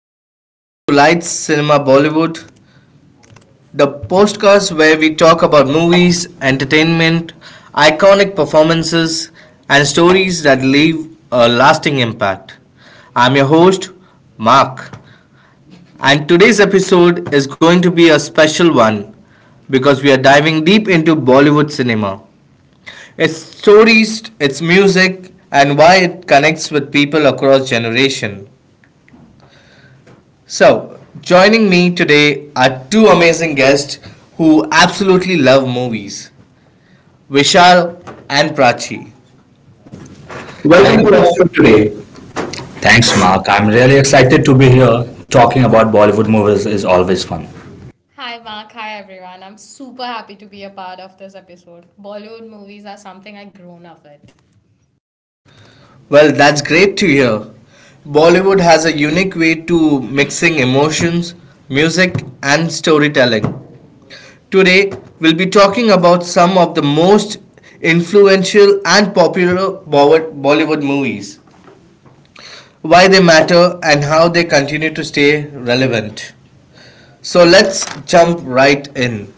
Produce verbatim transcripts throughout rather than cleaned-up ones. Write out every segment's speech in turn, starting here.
and welcome to Lights Cinema Bollywood, the podcast where we talk about movies, entertainment, iconic performances, and stories that leave a lasting impact. I'm your host, Mark, and today's episode is going to be a special one because we are diving deep into Bollywood cinema. Its stories, its music, and why it connects with people across generations. So, joining me today are two amazing guests who absolutely love movies, Vishal and Prachi. Welcome to us. Thanks, Mark. I'm really excited to be here. Talking about Bollywood movies is always fun. Hi Mark, hi everyone. I'm super happy to be a part of this episode. Bollywood movies are something I've grown up with. Well, that's great to hear. Bollywood has a unique way to mixing emotions, music, and storytelling. Today, we'll be talking about some of the most influential and popular Bollywood Bollywood movies, why they matter, and how they continue to stay relevant. So let's jump right in.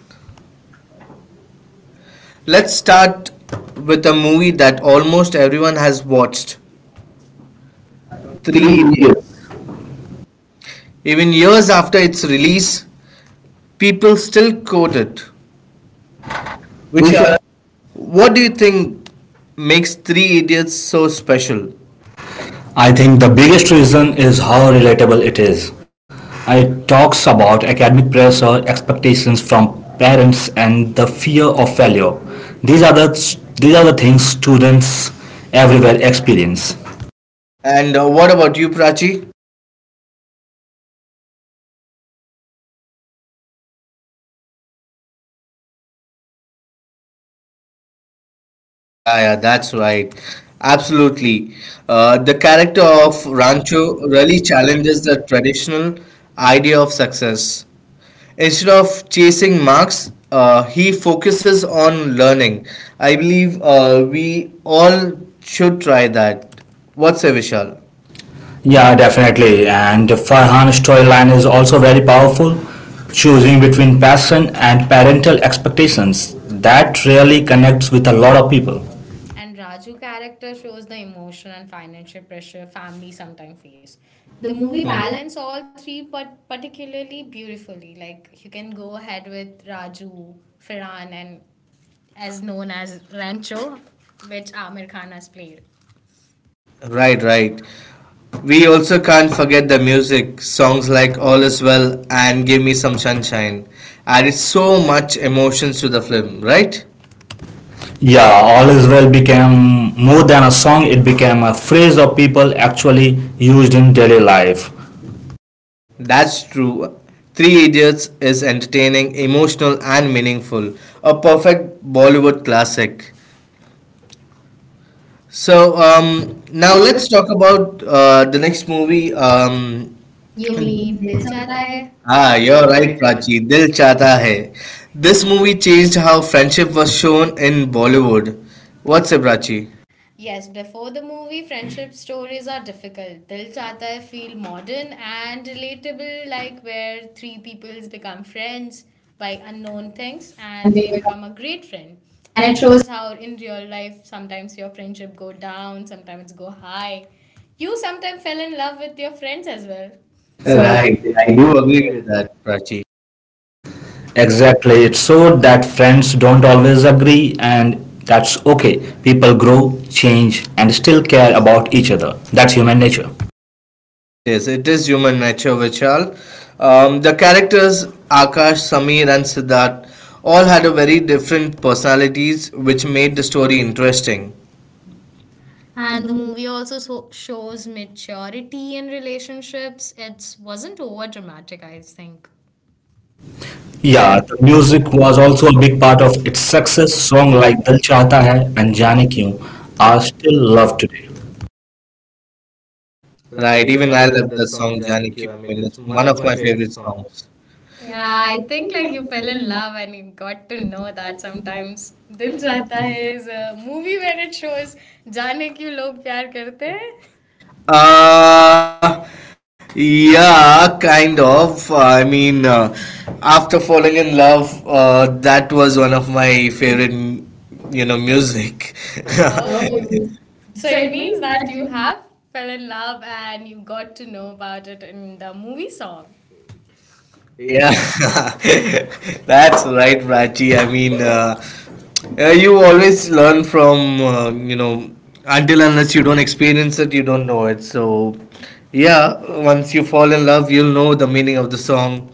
Let's start with a movie that almost everyone has watched, Three Idiots. Even years after its release, people still quote it. Vishal, what do you think makes Three Idiots so special? I think the biggest reason is how relatable it is. It talks about academic pressure, expectations from parents, and the fear of failure. These are the these are the things students everywhere experience. And uh, what about you, Prachi? Yeah, yeah, that's right. Absolutely. Uh, the character of Of Rancho Rancho really really challenges challenges the the traditional idea of success. Instead of chasing marks, uh, he focuses on learning. I believe uh, we all should try that. What's say, Vishal? Yeah, definitely. And Farhan's storyline is also very powerful, choosing between passion and parental expectations. That really connects with a lot of people. and Raju character shows the emotion and financial pressure family sometimes face. The The movie. movie Correct. Balance. balance all three but particularly beautifully. Like you can go ahead with Raju, Farhan and as known as Rancho, which Amir Khan has played. Right, right. We also can't forget the music. Songs like All Is Well and Give Me Some Sunshine added so much emotions to the film, right? Yeah, All Is Well became more than a song, it became a phrase of people actually used in daily life. That's true. Three Idiots is entertaining, emotional, and meaningful. A perfect Bollywood classic. So, um. um, now Now let's. let's talk about uh, the next movie. Um, You You mean mean Dil Dil Chahta Chahta Hai? Hai? Ah, Ah, you're you're right, right, Praj. Prachi. Dil Chata Hai. This movie changed how friendship was shown in Bollywood. What's it, Prachi? Yes, before the movie, friendship stories are difficult. Dil Chahta Hai feel modern and relatable, like where three peoples become friends by unknown things and and they they become a great friend. and And it it shows shows how in real life sometimes your friendship go down, sometimes go high. You sometimes fell in love with your friends as well. So Right, right, I I do do agree agree with with that. that, Prachi. Exactly. It showed that friends don't always agree, and that's okay. People grow, change, and still care about each other. That's human nature. It is. It is human nature, Vishal. Um, the characters Akash, Sameer, and Siddharth all had a very different personalities, which made the story interesting. And the movie also so shows maturity in relationships. It wasn't over dramatic, I think. Yeah, the music was also a big part of its success. Songs like Dil Chahta Hai and Jaane Kyun are still loved today. Right, Right, even even I I love love that the song song Jaani Janaki Q. I mean, Pavel. it's It's one one of of my my favorite favorite songs. songs. Yeah, Yeah, I I think think like I you would fell really in love love and you got to to do know that that sometimes. sometimes. Dil Seems like Chahta that, Hai yeah. is a movie where it shows जाने क्यों लोग प्यार करते हैं. Uh, yeah, kind of. I mean, uh, after falling in love, uh, that was one of my favorite, you know, music. Oh, Oh, you. you. So So it it means means that that you you. have fell in love and you got to know about it in the movie song. Yeah, Yeah, that's right, Prachi. I mean, uh, uh, you always learn from, uh, you know, until unless you don't experience it, you don't know it. So, yeah, once you fall in love, you'll know the meaning of the song.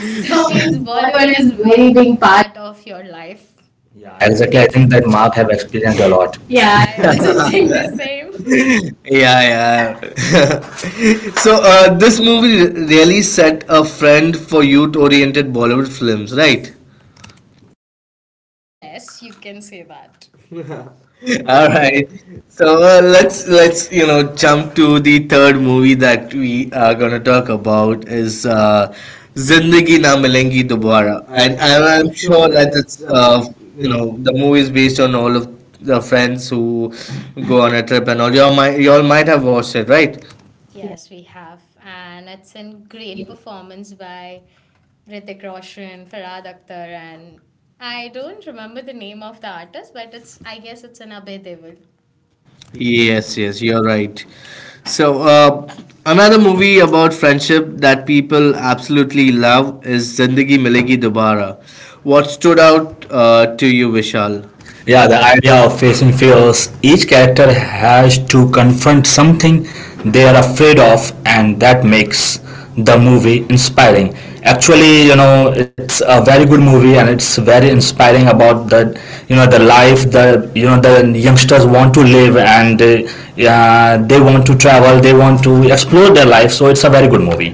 so So is means Bollywood Bollywood. Bollywood is a is very very big big part. part of your life. Yeah, Yeah, exactly. I exactly. I think think that that Mark Mark have have experienced experienced a a lot. lot. Yeah, Yeah. I also think the same. Yeah, yeah. So, uh, this movie really set a friend for youth oriented Bollywood films, right? Yes, you can say that. All All right, right. So uh, let's, let's you know jump to the third movie that we are gonna talk about is uh, Zindagi Na Milengi Gita Bora, Dobara, and, and and I, I'm I'm sure sure that that it's it's uh, uh, you you know. know the movie is based on all of the friends who go on a trip and all. You all might you all might have watched it, right? Yes, we have, and it's a great performance by Ritik Roshan, Farhad Akhtar, and I don't remember the name of the artist, but it's I guess it's an Abhay Deol. Yes, yes, you're right. So, uh, another movie about friendship that people absolutely love is Zindagi Milegi Dobara. What stood out uh, to you, Vishal? Yeah, the idea of facing fears. Each character has to confront something they are afraid of, and that makes the movie inspiring. Actually, you know, it's a very good movie, and it's very inspiring about the, you know, the life the you know the youngsters want to live, and uh, yeah, they want to travel, they want to explore their life. So it's a very good movie.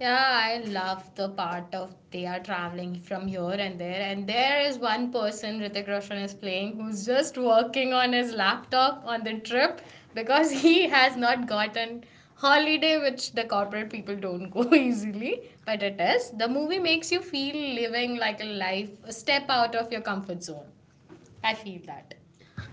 Yeah, I love the part of they are traveling from here and there. And there is one person Ritik Roshan is playing who's just working on his laptop on the trip because he has not gotten holiday, which the corporate people don't go easily. But it is. The movie makes you feel living like a life, a step out of your comfort zone. I feel that.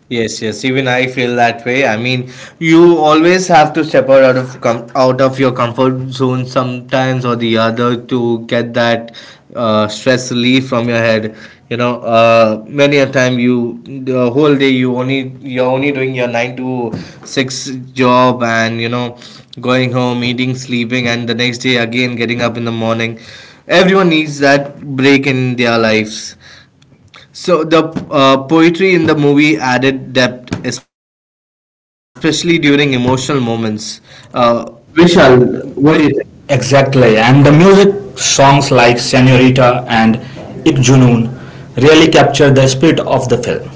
Yes, yes. Even I feel that way. I mean, you always have to step out, out of com- out of your comfort zone sometimes or the other to get that uh, stress relief from your head. You know, uh, many a time you the whole day you only you're only doing your nine to six job and you know going home, eating, sleeping, and the next day again getting up in the morning. Everyone needs that break in their lives. So the uh, poetry in the movie added depth, especially during emotional moments. uh, Exactly, and the music songs like Senorita and Ik Junoon really capture the spirit of the film.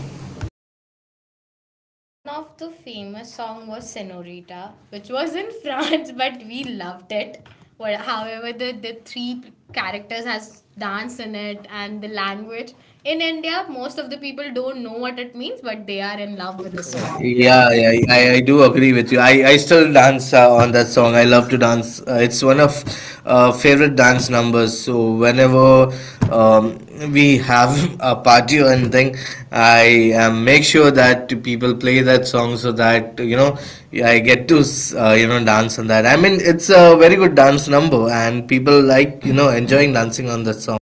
One of the famous song was Senorita, which was in France, but we loved it. Well, however, the, the three p- characters has dance in it and the language. In India, most of the people don't know what it means, but they are in love with the song. Yeah, Yeah, yeah, yeah, I, I do agree with you. I, I still dance uh, on that song. I love to dance. Uh, it's one of uh, favorite dance numbers. So whenever, um, we have a party or anything, I, um, make sure that people play that song so that you know I get to s- uh, you know dance on that. I mean, it's a very good dance number, and people like you know enjoying dancing on that song.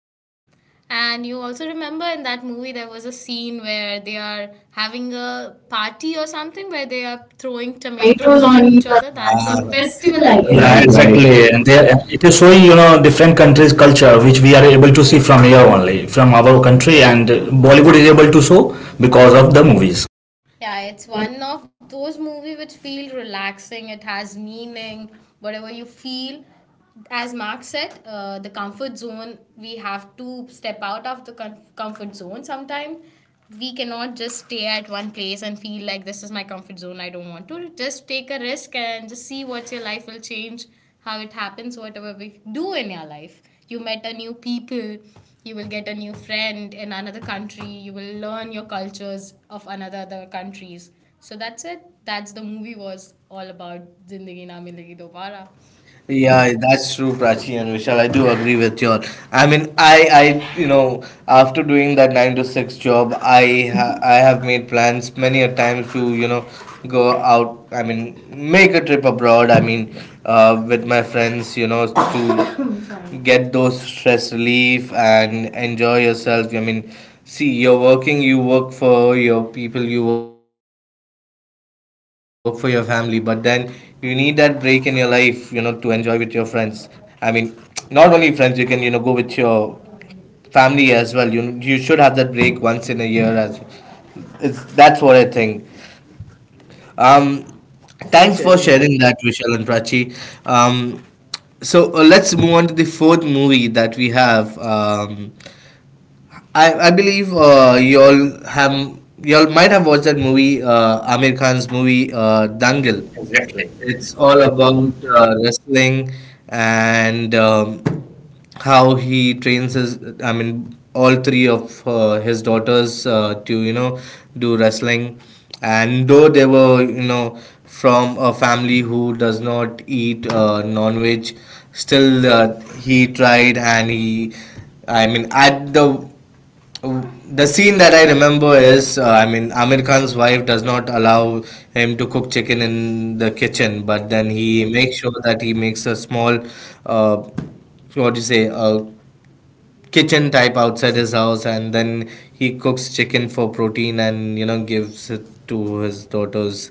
and you also remember in that movie there was a scene where they are having a party or something where they are throwing tomatoes Tomatoes on on each it or other. That's a Ah. Festival, festival, festival, I I I Yeah, guess. guess. Yeah, Yeah, right, right, right, guess. exactly. exactly. And And they. they, it is showing you know different countries' culture, which we are able to see from here only, from our country, and Bollywood is able to show because of the movies. Yeah, it's one of those movie which feel relaxing. It has meaning. Whatever you feel, as Mark said, uh, the comfort zone. We have to step out of the com- comfort zone. Sometimes we cannot just stay at one place and feel like this is my comfort zone. I don't want to. Just take a risk and just see what your life will change, how it happens, whatever we do in your life. You met a new people, you will get a new friend in another country, you will learn your cultures of another other countries. So that's it, that's the movie was all about, Zindagi Na Milegi Dobara. Yeah. Yeah, that's true, Prachi and Vishal. I do agree with you all. I mean, I, I, you know, after doing that nine to six job, I, ha- I have made plans many a times to, you know, go out. I mean, make a trip abroad. I mean, uh, with my friends, you know, to Sorry. Get those stress relief and enjoy yourself. I mean, see, you're working, you work for your people, you work for your family, but then you need that break in your life, you know, to enjoy with your friends. I mean, not only friends, you can, you know, go with your family as well. You you should have that break once in a year as it's that's what I think. Um, Thanks Thanks for for sharing sharing that. that, Vishal and Prachi. Um, so uh, let's move on to the fourth movie that we have. Um, I, I believe uh, y'all have y'all might have watched that movie uh, Amir Khan's movie, uh, Dangal. Exactly. It's It's all all about about uh, uh, wrestling and, um, how he trains his, I mean, all three of uh, his daughters uh, to you know do wrestling, and though they were you know from a family who does not eat uh, non-veg, still uh, he tried and he, I mean, at the the scene that I remember is, uh, I mean, Amir Khan's wife does not allow him to cook chicken in the kitchen, but then then he he makes makes sure that he makes a small, uh, what do you say, a kitchen type outside his house, and then he cooks chicken for protein and you know gives it to his daughters.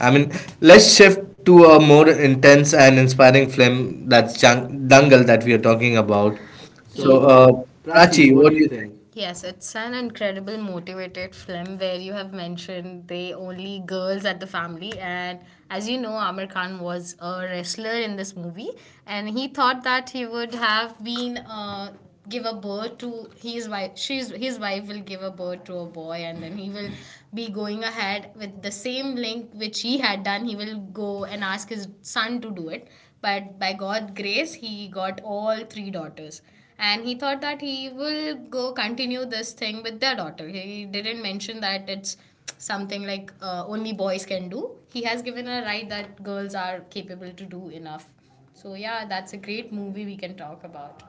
I mean, let's shift to a more intense and inspiring film, that's Jang- Dangal that we are talking sure about. about. So, So, uh, uh, Prachi, Prachi, what do what do you you think? think? Yes, it's an incredible motivated film where you have mentioned the only girls at the family. And as you know, Amir Khan was a wrestler in this movie, and he thought that he would have been. Uh, give a birth to his wife, she's his wife will give a birth to a boy, and then he will be going ahead with the same link which he had done. He will go and ask his son to do it, but by god grace he got all three daughters. And he thought that he will go continue this thing with their daughter. He didn't mention that it's something like uh, only boys can do. He has given a right that girls are capable to do enough. So yeah, that's a great movie we can talk about.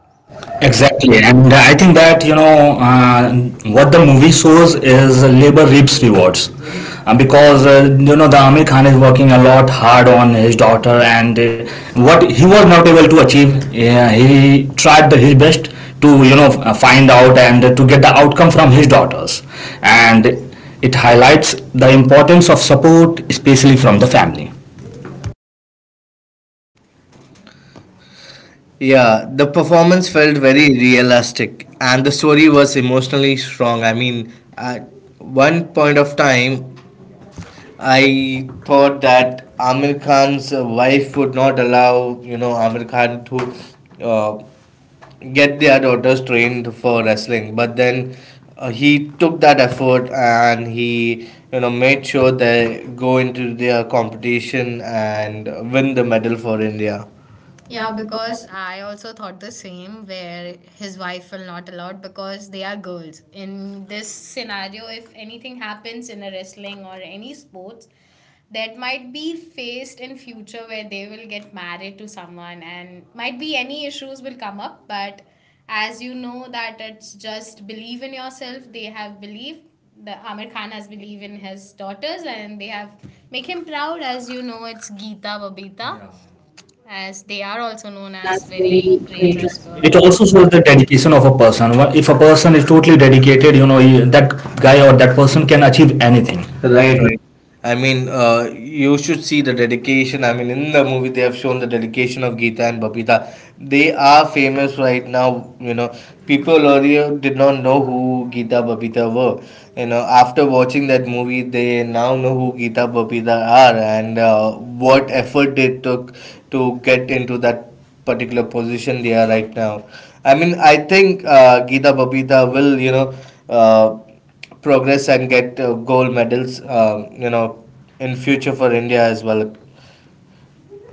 Exactly. Exactly, and I think that you know uh, what the movie shows is labor reaps rewards, uh, because uh, you know the Amir Khan is working a lot hard on his daughter, and uh, what he was not able to achieve, yeah, he tried the, his best to you know f- uh, find out and to get the outcome from his daughters, and it highlights the importance of support, especially from the family. Yeah, the performance felt very realistic, and the story was emotionally strong. I mean, at one point of time, I thought that Amir Khan's wife would not allow, you know, Amir Khan to uh, get their daughters trained for wrestling, but then uh, he took that effort and he, you know, made sure they go into their competition and win the medal for India. Yeah, Yeah, because because. I also thought the same where his wife will not allowed because they are girls. In this scenario, if anything happens in a wrestling or any sports, that might be faced in future where they will get married to someone and might be any issues will come up, but as you know that it's just believe in yourself, they have belief. The Amir Khan has believed in his daughters and they have make him proud. As you know, it's Geeta Babita. Yeah, as they are also known as That's very very great great response. wrestlers. It It also also shows shows that the dedication of a person. Wha- if a person is totally dedicated, you know he, that guy or that person can achieve anything. Right, right. I mean, uh, you should see the dedication. I mean, in the movie, they have shown the dedication of Geeta and Babita. They are famous right now. You know, people earlier did not know who Geeta Babita were. You know, after watching that movie, they now know who Geeta Babita are, and uh, what effort they took to get into that particular position they are right now. I mean, I think uh, Geeta Babita will, you know, uh, progress and get uh, gold medals, um, you know, in future for India as well.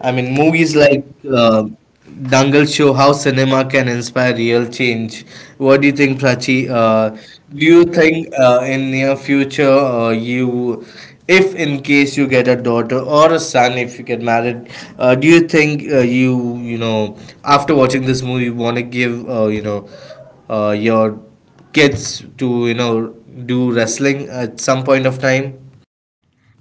I mean, in movies movies like like, uh, uh, Dangal show how cinema can inspire real change. What do you think, Prachi? uh, Uh, do do you you think. think uh, in near future uh, you, if in case you get a daughter or a son, if you get married, uh, do you think uh, you you know after watching this movie want to give uh, you know uh, your kids to you know do wrestling at some point of time?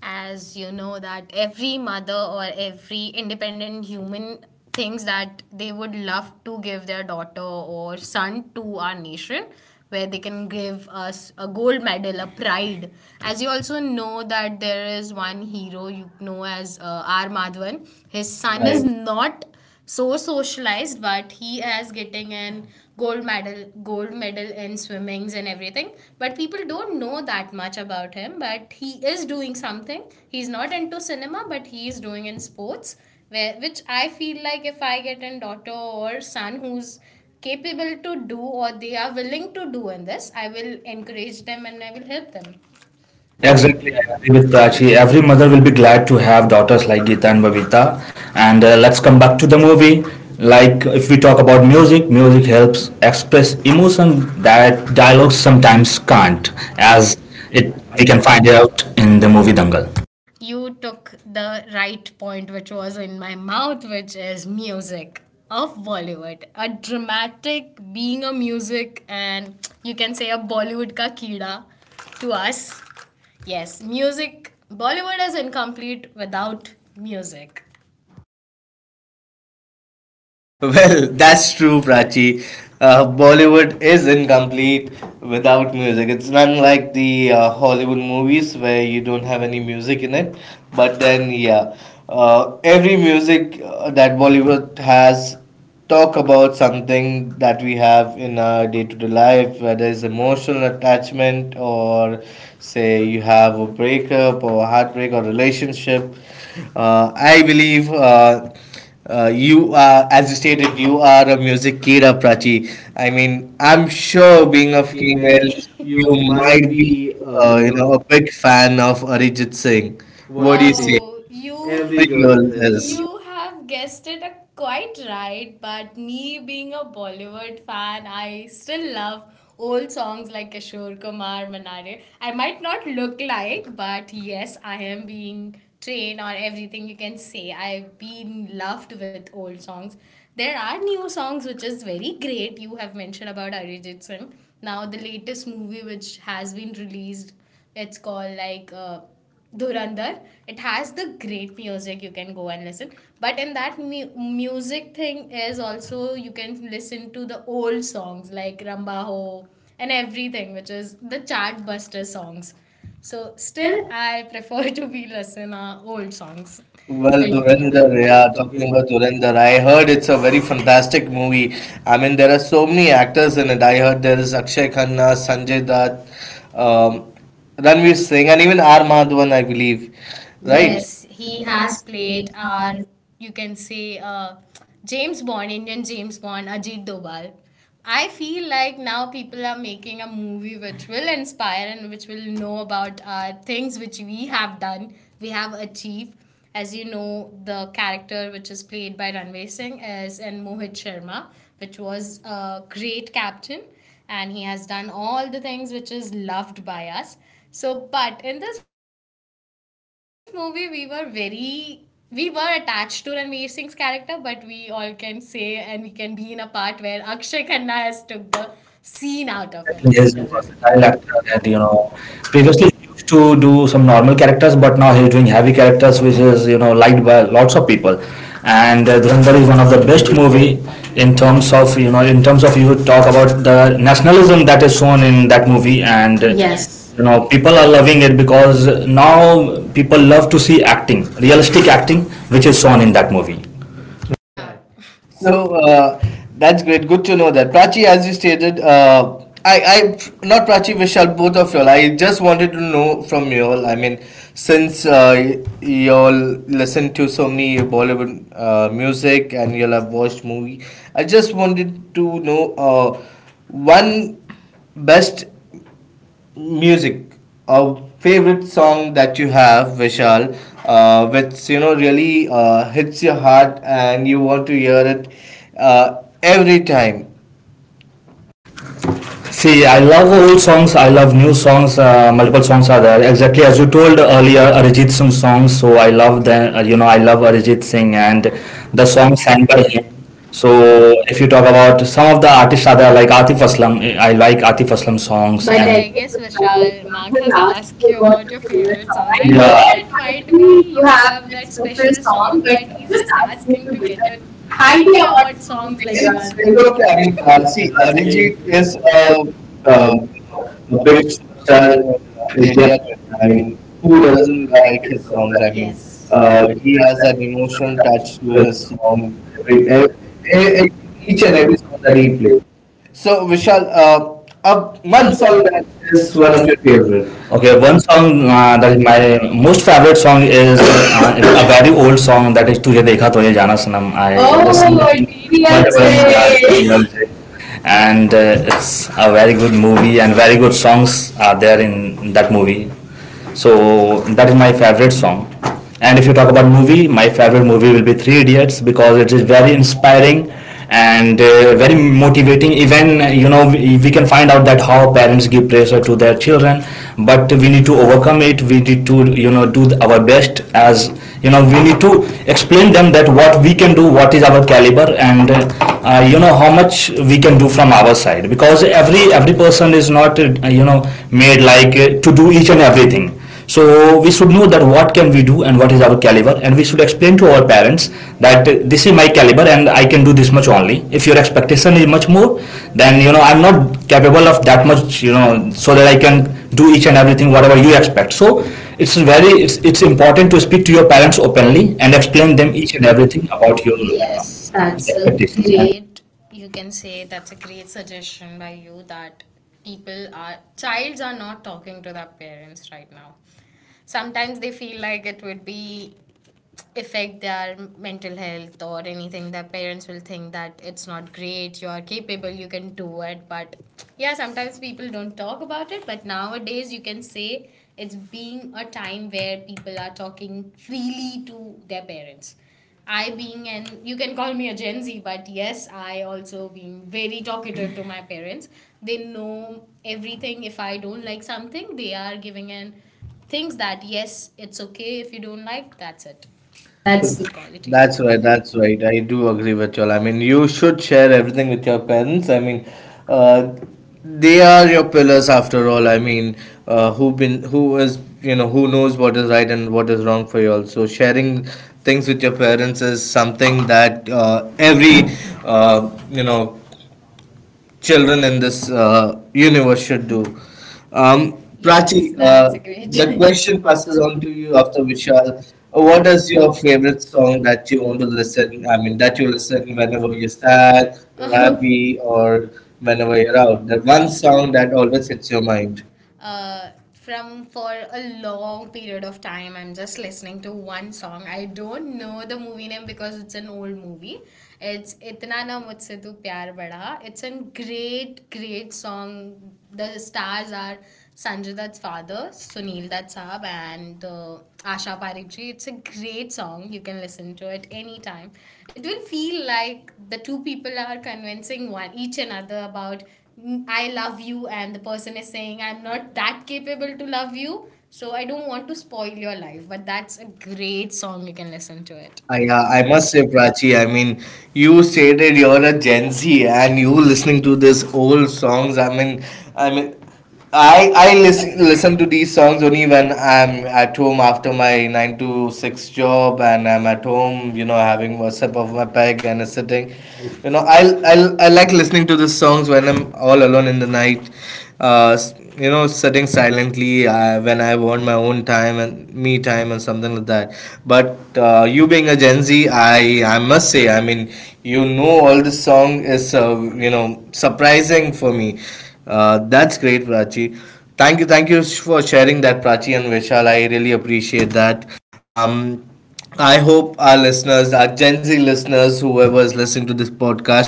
As you know that every mother or every independent human thinks that they would love to give their daughter or son to our nation where they can give us a gold medal, a pride. As you also know that there is one hero you know as uh, R Madhavan. His son is not so socialized, but he is getting an gold medal, gold medal in swimmings and everything. But people don't know that much about him, but he is doing something. He's not into cinema, but he is doing in sports, where, which I feel like if I get a daughter or son who's capable to do or they are willing to do in this, I will encourage them and I will help them. Exactly, Exactly I agree with Prachi. Every mother will be glad to have daughters like Geeta and Babita. And uh, let's come back to the movie. Like, if we talk about music, music helps express emotion that dialogues sometimes can't. as As it it, we We can can find. find out in the movie Dangal. You took the right point which was in my mouth, which is music of Bollywood, a dramatic being a music. And you can say a Bollywood ka keeda to us. Yes, music, Bollywood is incomplete without music. Well, that's true, Prachi. Uh, Bollywood is incomplete without music. It's unlike the uh, Hollywood movies where you don't have any music in it. But then, yeah, uh, every music uh, that Bollywood has talk about something that we have in our day-to-day life, whether it's emotional attachment or say you have a breakup or a heartbreak or relationship. Uh, I believe. Uh, uh, you are, as you stated, you are a music kid, Prachi. I mean, I'm sure being Being a a female, female, you you might might be be, uh, uh, you you know a. know, a big fan of Arijit Singh. What do What do you you Uh, say? say? Oh, you. Every Every girl girl is. is. You have guessed it, uh, quite right. But me being a Bollywood fan, I still love old songs like Kishore Kumar, Manare. I might not look like, but yes, I am being trained on everything, you can say. I've been loved with old songs. There are new songs which is very great. You have mentioned about Arijit Singh. Now the latest movie which has been released, it's called like uh, Dhurandhar. It has the great music, you can go and listen. But in that mu- music thing is also you can listen to the old songs like Ramba and everything, which is the chartbuster songs. So still, I prefer to be listen uh, old songs. Well, Well, but yeah, like, Durandar, yeah, yeah, talking talking about, about Dhurandhar, I heard it's a very fantastic movie. I mean, there are so many actors in it. I heard there is Akshay Khanna, Sanjay Dutt, um, Ranveer Singh, and even R. Madhavan, I believe, right? right? Yes, Yes, he he has has made played uh, our, you can say, uh, James Bond, Indian James Bond, Ajit Doval. I feel like now people are making a movie which will inspire and which will know about our things which we have done, we have achieved. As you know, the character which is played by Ranveer Singh is in Mohit Sharma, which was a great captain, and he has done all the things which is loved by us. So, but in this movie, we were very we were attached to Ranveer Singh's character, but we all can say and we can be in a part where Akshay Khanna has took the scene out of it. Exactly. Declan is a versatile actor. That you know Previously he used to do some normal characters, but now he's doing heavy characters, which is you know liked by lots of people. And uh, Dhurandhar is one of the best movie in terms of you know in terms of, you talk about the nationalism that is shown in that movie. And uh, yes, Yes. you know people are loving it because now people love to see acting, realistic acting, which is shown in that movie. Yeah. So So uh, that's great. Good to know that. Prachi, as you stated, uh, I, I, not Prachi, Vishal, both of y'all. I just wanted to know from y'all. I mean, since uh, y- y'all listen to so many Bollywood uh, music and y'all have watched movie, I just wanted to know uh, one best music, a favorite song that you have, Vishal, uh, which you know really uh, hits your heart and you want to hear it uh, every time. See, I love old songs. I love new songs. Uh, multiple songs are there. Exactly as you told earlier, Arijit Singh songs. So I love them. uh, You know, I love Arijit Singh and the the song songs sang sang by by him. him. So So if you talk about some of the artists are there, like Atif Aslam. I like Atif Aslam songs. But I but I and. Guess guess uh, Vishal, Mark Has has asked asked you you about about your your favorite favorite song. song. I I I yeah. know Yeah. it might be think you you have have that this profile special song, song, but but I'm he's yeah, just just asking asking you to to get get a a idea higher on what songs songs like that it's, Like, you you are. it's It's, have. it's it's okay. okay. I I mean, mean, uh, uh, see, see, Arijit Arijit is. is a, a, a big superstar in uh, India today. I mean, who Who doesn't doesn't like like his his songs? songs? I I mean, mean, Yes, uh, uh, he has that emotional touch to his song. Every, e- e- e- Each and every song that he… So Vishal, uh, uh, one song that is one of your… Okay, one song uh, that is my most favorite song is uh, it's a very old song, that is "Tujhe Dekha To Ye Jana Sanam." I, I Oh my listen oh, god, multiple Beyonce! Years, D D L J. and uh, it's a very good movie and very good songs are there in that movie. So that is my favorite song. And if you talk about movie, my favorite movie will be Three Idiots because it is very inspiring and uh, very motivating. Even uh, you know we, we can find out that how parents give pressure to their children, but we need to overcome it. We need to you know do our best, as you know we need to explain them that what we can do, what is our caliber, and uh, uh, you know, how much we can do from our side, because every every person is not uh, you know made like uh, to do each and everything. So we should know that what can we do and what is our caliber, and we should explain to our parents that uh, this is my caliber and I can do this much only. If your expectation is much more, then you know I'm not capable of that much, you know, so that I can do each and everything whatever you expect. So it's very it's, it's important to speak to your parents openly and explain Explain them them each each and and everything everything about about your your, yes, you know, uh, yes, that's that's a expectation. expectation and Really great, you can say that's a great suggestion by you that people are, childs are not talking to their parents right now. Sometimes they feel like it would be affect their mental health or anything. Their parents will think that it's not great, you are capable, you can do it. But yeah, sometimes people don't talk about it. But nowadays, you can say it's being a time where people are talking freely to their parents. I being an, you can call me a Gen Z, but yes, I also being very talkative to my parents. They know everything. If I don't like something, they are giving an things that yes, it's okay if you don't like. That's it. That's That's that's the quality. That's That's right, right. That's that's right. I do agree with you all. I mean, you should share everything with your parents. I mean, uh, they are your pillars after all. I mean, uh, who been who is, you know who knows what is right and what is wrong for you all. So sharing things with your parents is something that uh, every uh, you know children in this uh, universe should do. Um, Um, yes, Prachi, Prachi, uh, that's uh, a great. the the question question passes passes on on to to you you after after Vishal. Vishal. What What is is your your favorite favorite song song that that you you want want to to listen? listen? I I mean, mean, that that you you listen listen whenever whenever you're you're sad, sad, you're Um, happy, happy, or or whenever whenever you're you're out. out. The That one one song song that that always always hits hits your your mind mind. uh, from for a long period of time, I'm just listening to one song. I don't know the movie name because it's an old movie. It's Itna Na Mujhse Tu Pyar Bada. It's a great great song. The stars are Sanjay Dutt's father Sunil Dutt saab and uh, Asha Parekh ji. It's a great song, you can listen to it anytime. It will feel like the two people are convincing one each another about "Mm, I love you," and the person is saying, "I'm not that capable to love you, so I don't want to spoil your life." But that's a great song, you can listen to it. I, I, uh, uh, I I mu- must say, Prachi, I mean, you stated you're a Gen Z and you listening to these old songs. I mean, I mean, I, I listen, listen to these songs only when I'm at home after my nine to six job and I'm at home, you know, having a sip of my peg and sitting. You know, I, I, I like listening to these songs when I'm all alone in the night uh, you know, sitting silently, uh, when I want my own time and me time and something like that. But uh, you being a Gen Z, i i must say, I mean, you know, all this song is, uh, you know surprising for me. Uh, that's great, Prachi. Thank you, thank you for sharing that, Prachi, and Vishal, I really appreciate that. um, I hope our listeners, our Gen Z listeners, whoever is listening to this podcast,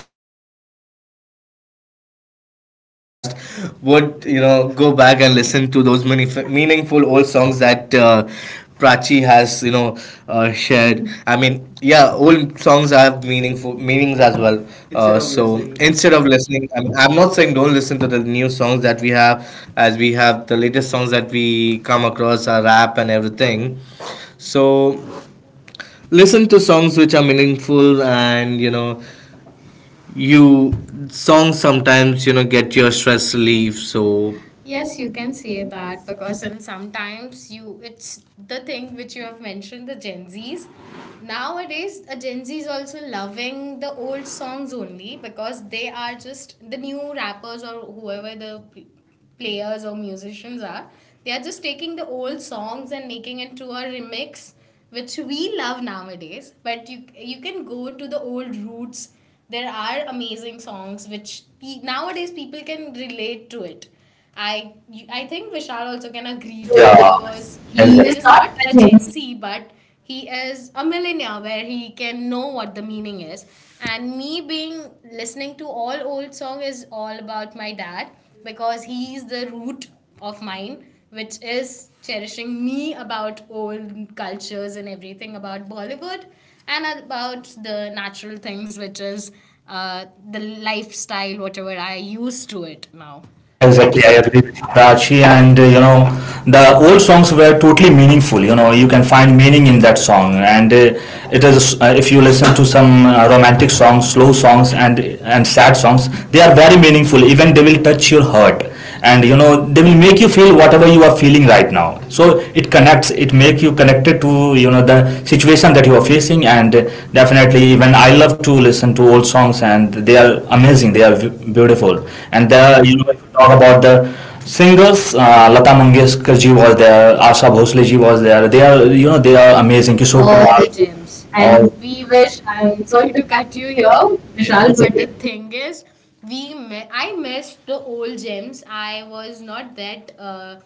would, you know, go back and listen to those many meaningful old songs that uh, Prachi has, you know uh, shared. I mean, yeah, old songs have meaningful meanings as well. Uh, so instead Instead of of listening, listening, I I'm, mean, I'm not saying don't listen to the new songs that we have, as we have the latest songs that we come across are rap and everything. So listen to songs which are meaningful and you know you songs sometimes, you know, get your stress relief. so So yes, yes, you you can can say say that. that But because that's a… and sometimes you it's the thing which you have mentioned, the Gen Zs. Nowadays, a Gen Z is also loving the old songs only because they are just the new rappers or whoever the p- players or musicians are. They are just taking the old songs and making it to a remix, which we love nowadays. But you you can go to the old roots. There are amazing songs which pe- nowadays people can relate to it. I I think Vishal also can agree to yeah. it, yeah, yeah. because He he is Exactly. exactly is not not a a Gen Gen Z. Z, but he is a millennial where he can know what the meaning is. And me being listening to all old song is all about my dad, because he is the root of mine, which is cherishing me about old cultures and everything about Bollywood and about the natural things, which is uh, the lifestyle, whatever I used to it now. Exactly, I Exactly, I agree agree. with you, Prachi. And uh, you know, the old songs were totally meaningful. You know, you can find meaning in that song, and uh, it is uh, if you listen to some uh, romantic songs, slow songs, and and sad songs, they are very meaningful. Even they will touch your heart. And you know they will make you feel whatever you are feeling right now, so it connects, it makes you connected to you know the situation that you are facing. And definitely, even I love to listen to old songs, and they are amazing, they are beautiful. And And there there are, are, you you know, know, if if you talk about the singers, uh, Lata Mangeshkar ji was there, Asha Bhosle ji was there, they are you know they are amazing. amazing Kishore, Kishore Oh, all the kumar, Kumar all gems, all- and and all, all- we we wish. wish. I'm I'm sorry sorry to to catch cut you you here, here, Vishal. Vishal, It's but the okay. but thing is, we mi- I missed the old gems. I was not that uh,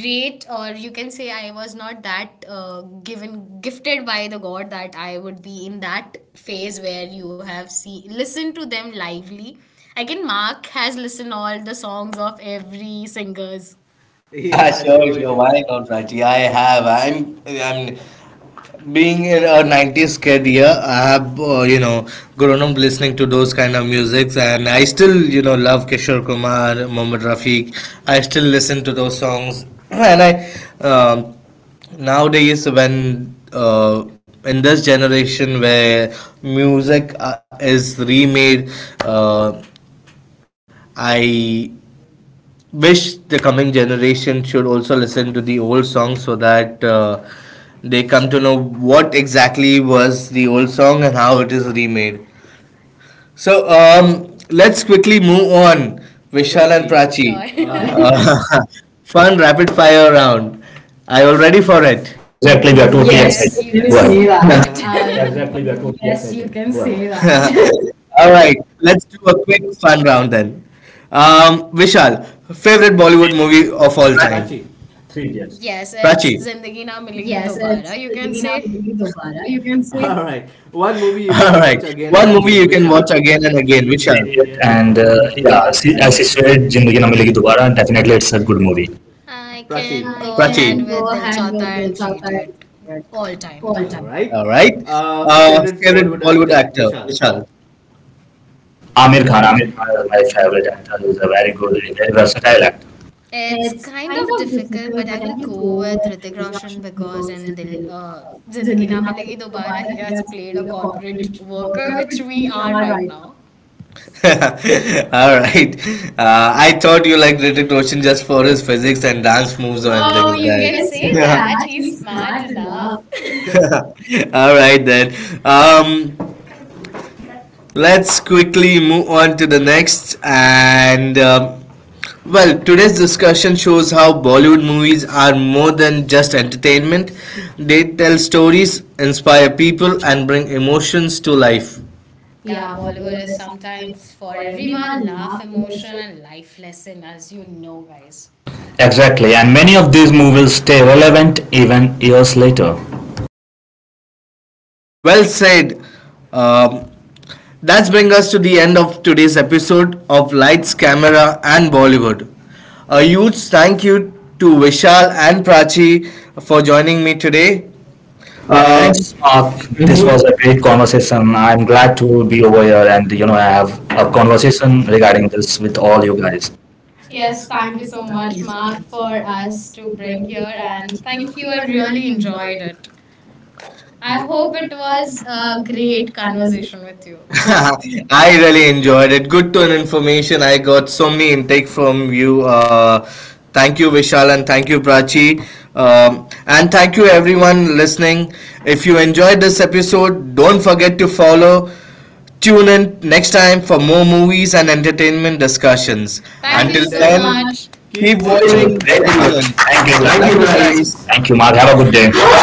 great, or you can say I was not that uh, given gifted by the god that I would be in that phase where you have see listen to them lively. I can Mark has listened all the songs of every singers. Yeah, Yeah, sure, sure, sure, sure. why not, Raji? I have I'm I'm being in a nineties kid. Yeah, I have, uh, you know grown up listening to those kind of musics, and I still, you know, love Kishore Kumar, Mohammed Rafiq. I still listen to those songs. And I… um, Nowadays, when uh, in this generation where music uh, is remade, uh, I wish the coming generation should also listen to the old songs so that uh, they come to know what exactly was the old song and how it is remade. So um, let's quickly move on, Vishal and Vishal and Prachi. Prachi. Sure. Sure. Uh, fun rapid fire round. Are you all ready for it? exactly, we Uh, totally are totally Yes, yes, excited. excited, You we will go can wow, say say ahead, see that. that. You are. All right, let's do a quick fun round then. Um, Vishal, favorite Bollywood movie of all time? Prachi. Prachi, Yes, yes, it's it's the Zindagi Na beginning of the Milegi beginning Dobara, you Dobara, can you can say. say. All Alright. right. One movie One you movie you can can watch watch again and again and again. again. Vishal. Vishal. It will be Three It, Idiot and and uh, uh, yeah, yeah, see, see, as he as he said, said, Zindagi Na Zindagi Na Milegi Milegi Dobara, Dobara. definitely Definitely, it's a it's a good good movie. movie. I, I, Prachi, can Prachi, can go go ahead ahead with Dil with the Chata and Three Idiot Chautar all all time. time. All Alright. right. Uh, Uh, favorite Favorite Bollywood Bollywood actor. actor? Vishal. Vishal. Amir Amir Khan, Khan. Amir Amir Khan Khan is is my my favorite favorite actor. actor. He's He's a a very very good, good, a very very versatile versatile actor. actor. It's It's kind kind of of difficult, difficult, but I but I will will go go with with Ritik Hrithik Roshan Roshan because because in in Dil, the uh, uh, Zindagi Na Zindagi Na Milegi Milegi Dobara, he Dobara, he has has played a played a corporate corporate worker, worker, which which we we are are right right now. now. All right. Uh, I thought you liked Hrithik Roshan just for his physics and dance Moves moves on. or anything Oh, Oh, like you you that. can Can say say, yeah, Yeah, that that. he's He's smart smart enough. enough. All right, then. Um, let's quickly move on to the next. And um, well, today's discussion shows how Bollywood movies are more than just entertainment. They tell stories, inspire people, and bring emotions to life. Yeah, Yeah, Bollywood Bollywood is is sometimes sometimes for for everyone: everyone, laugh, laugh, emotion, emotion. and life lesson, as you know, guys. Exactly, and many of these movies stay relevant even years later. Well said. Um, that's bring us to the end of today's episode of Lights, Camera, and Bollywood. A huge thank you to Vishal and Prachi for joining me today. Uh, Uh, Thanks, Mark. This mhm. mhm. was a great conversation. I'm I'm glad glad to to be be over over. here and you know have a conversation regarding this with all you guys. Yes, Yes, thank thank you you so so much, much, Mark, Mark, for for us us to to bring bring here, here, and and thank thank you. you. I I really really enjoyed enjoyed it. it. I I hope hope it it was was a a great great conversation conversation with you. with you. I really enjoyed it. Good to an information. I got so many intake from you. Uh, thank you, Vishal, and thank you, Prachi. Um, and thank you, everyone listening. If you enjoyed this episode, don't forget to follow. Tune in next time for more movies and entertainment discussions. Thank Thank Until you. you Until you so so then, then, much. much. Keep Keep Thank Thank watching you. you. watching Thank Great films. Netflix. Thank you. you. Thank Thank you Thank you you, guys. guys. guys. Thank you, Mark. Have a good day.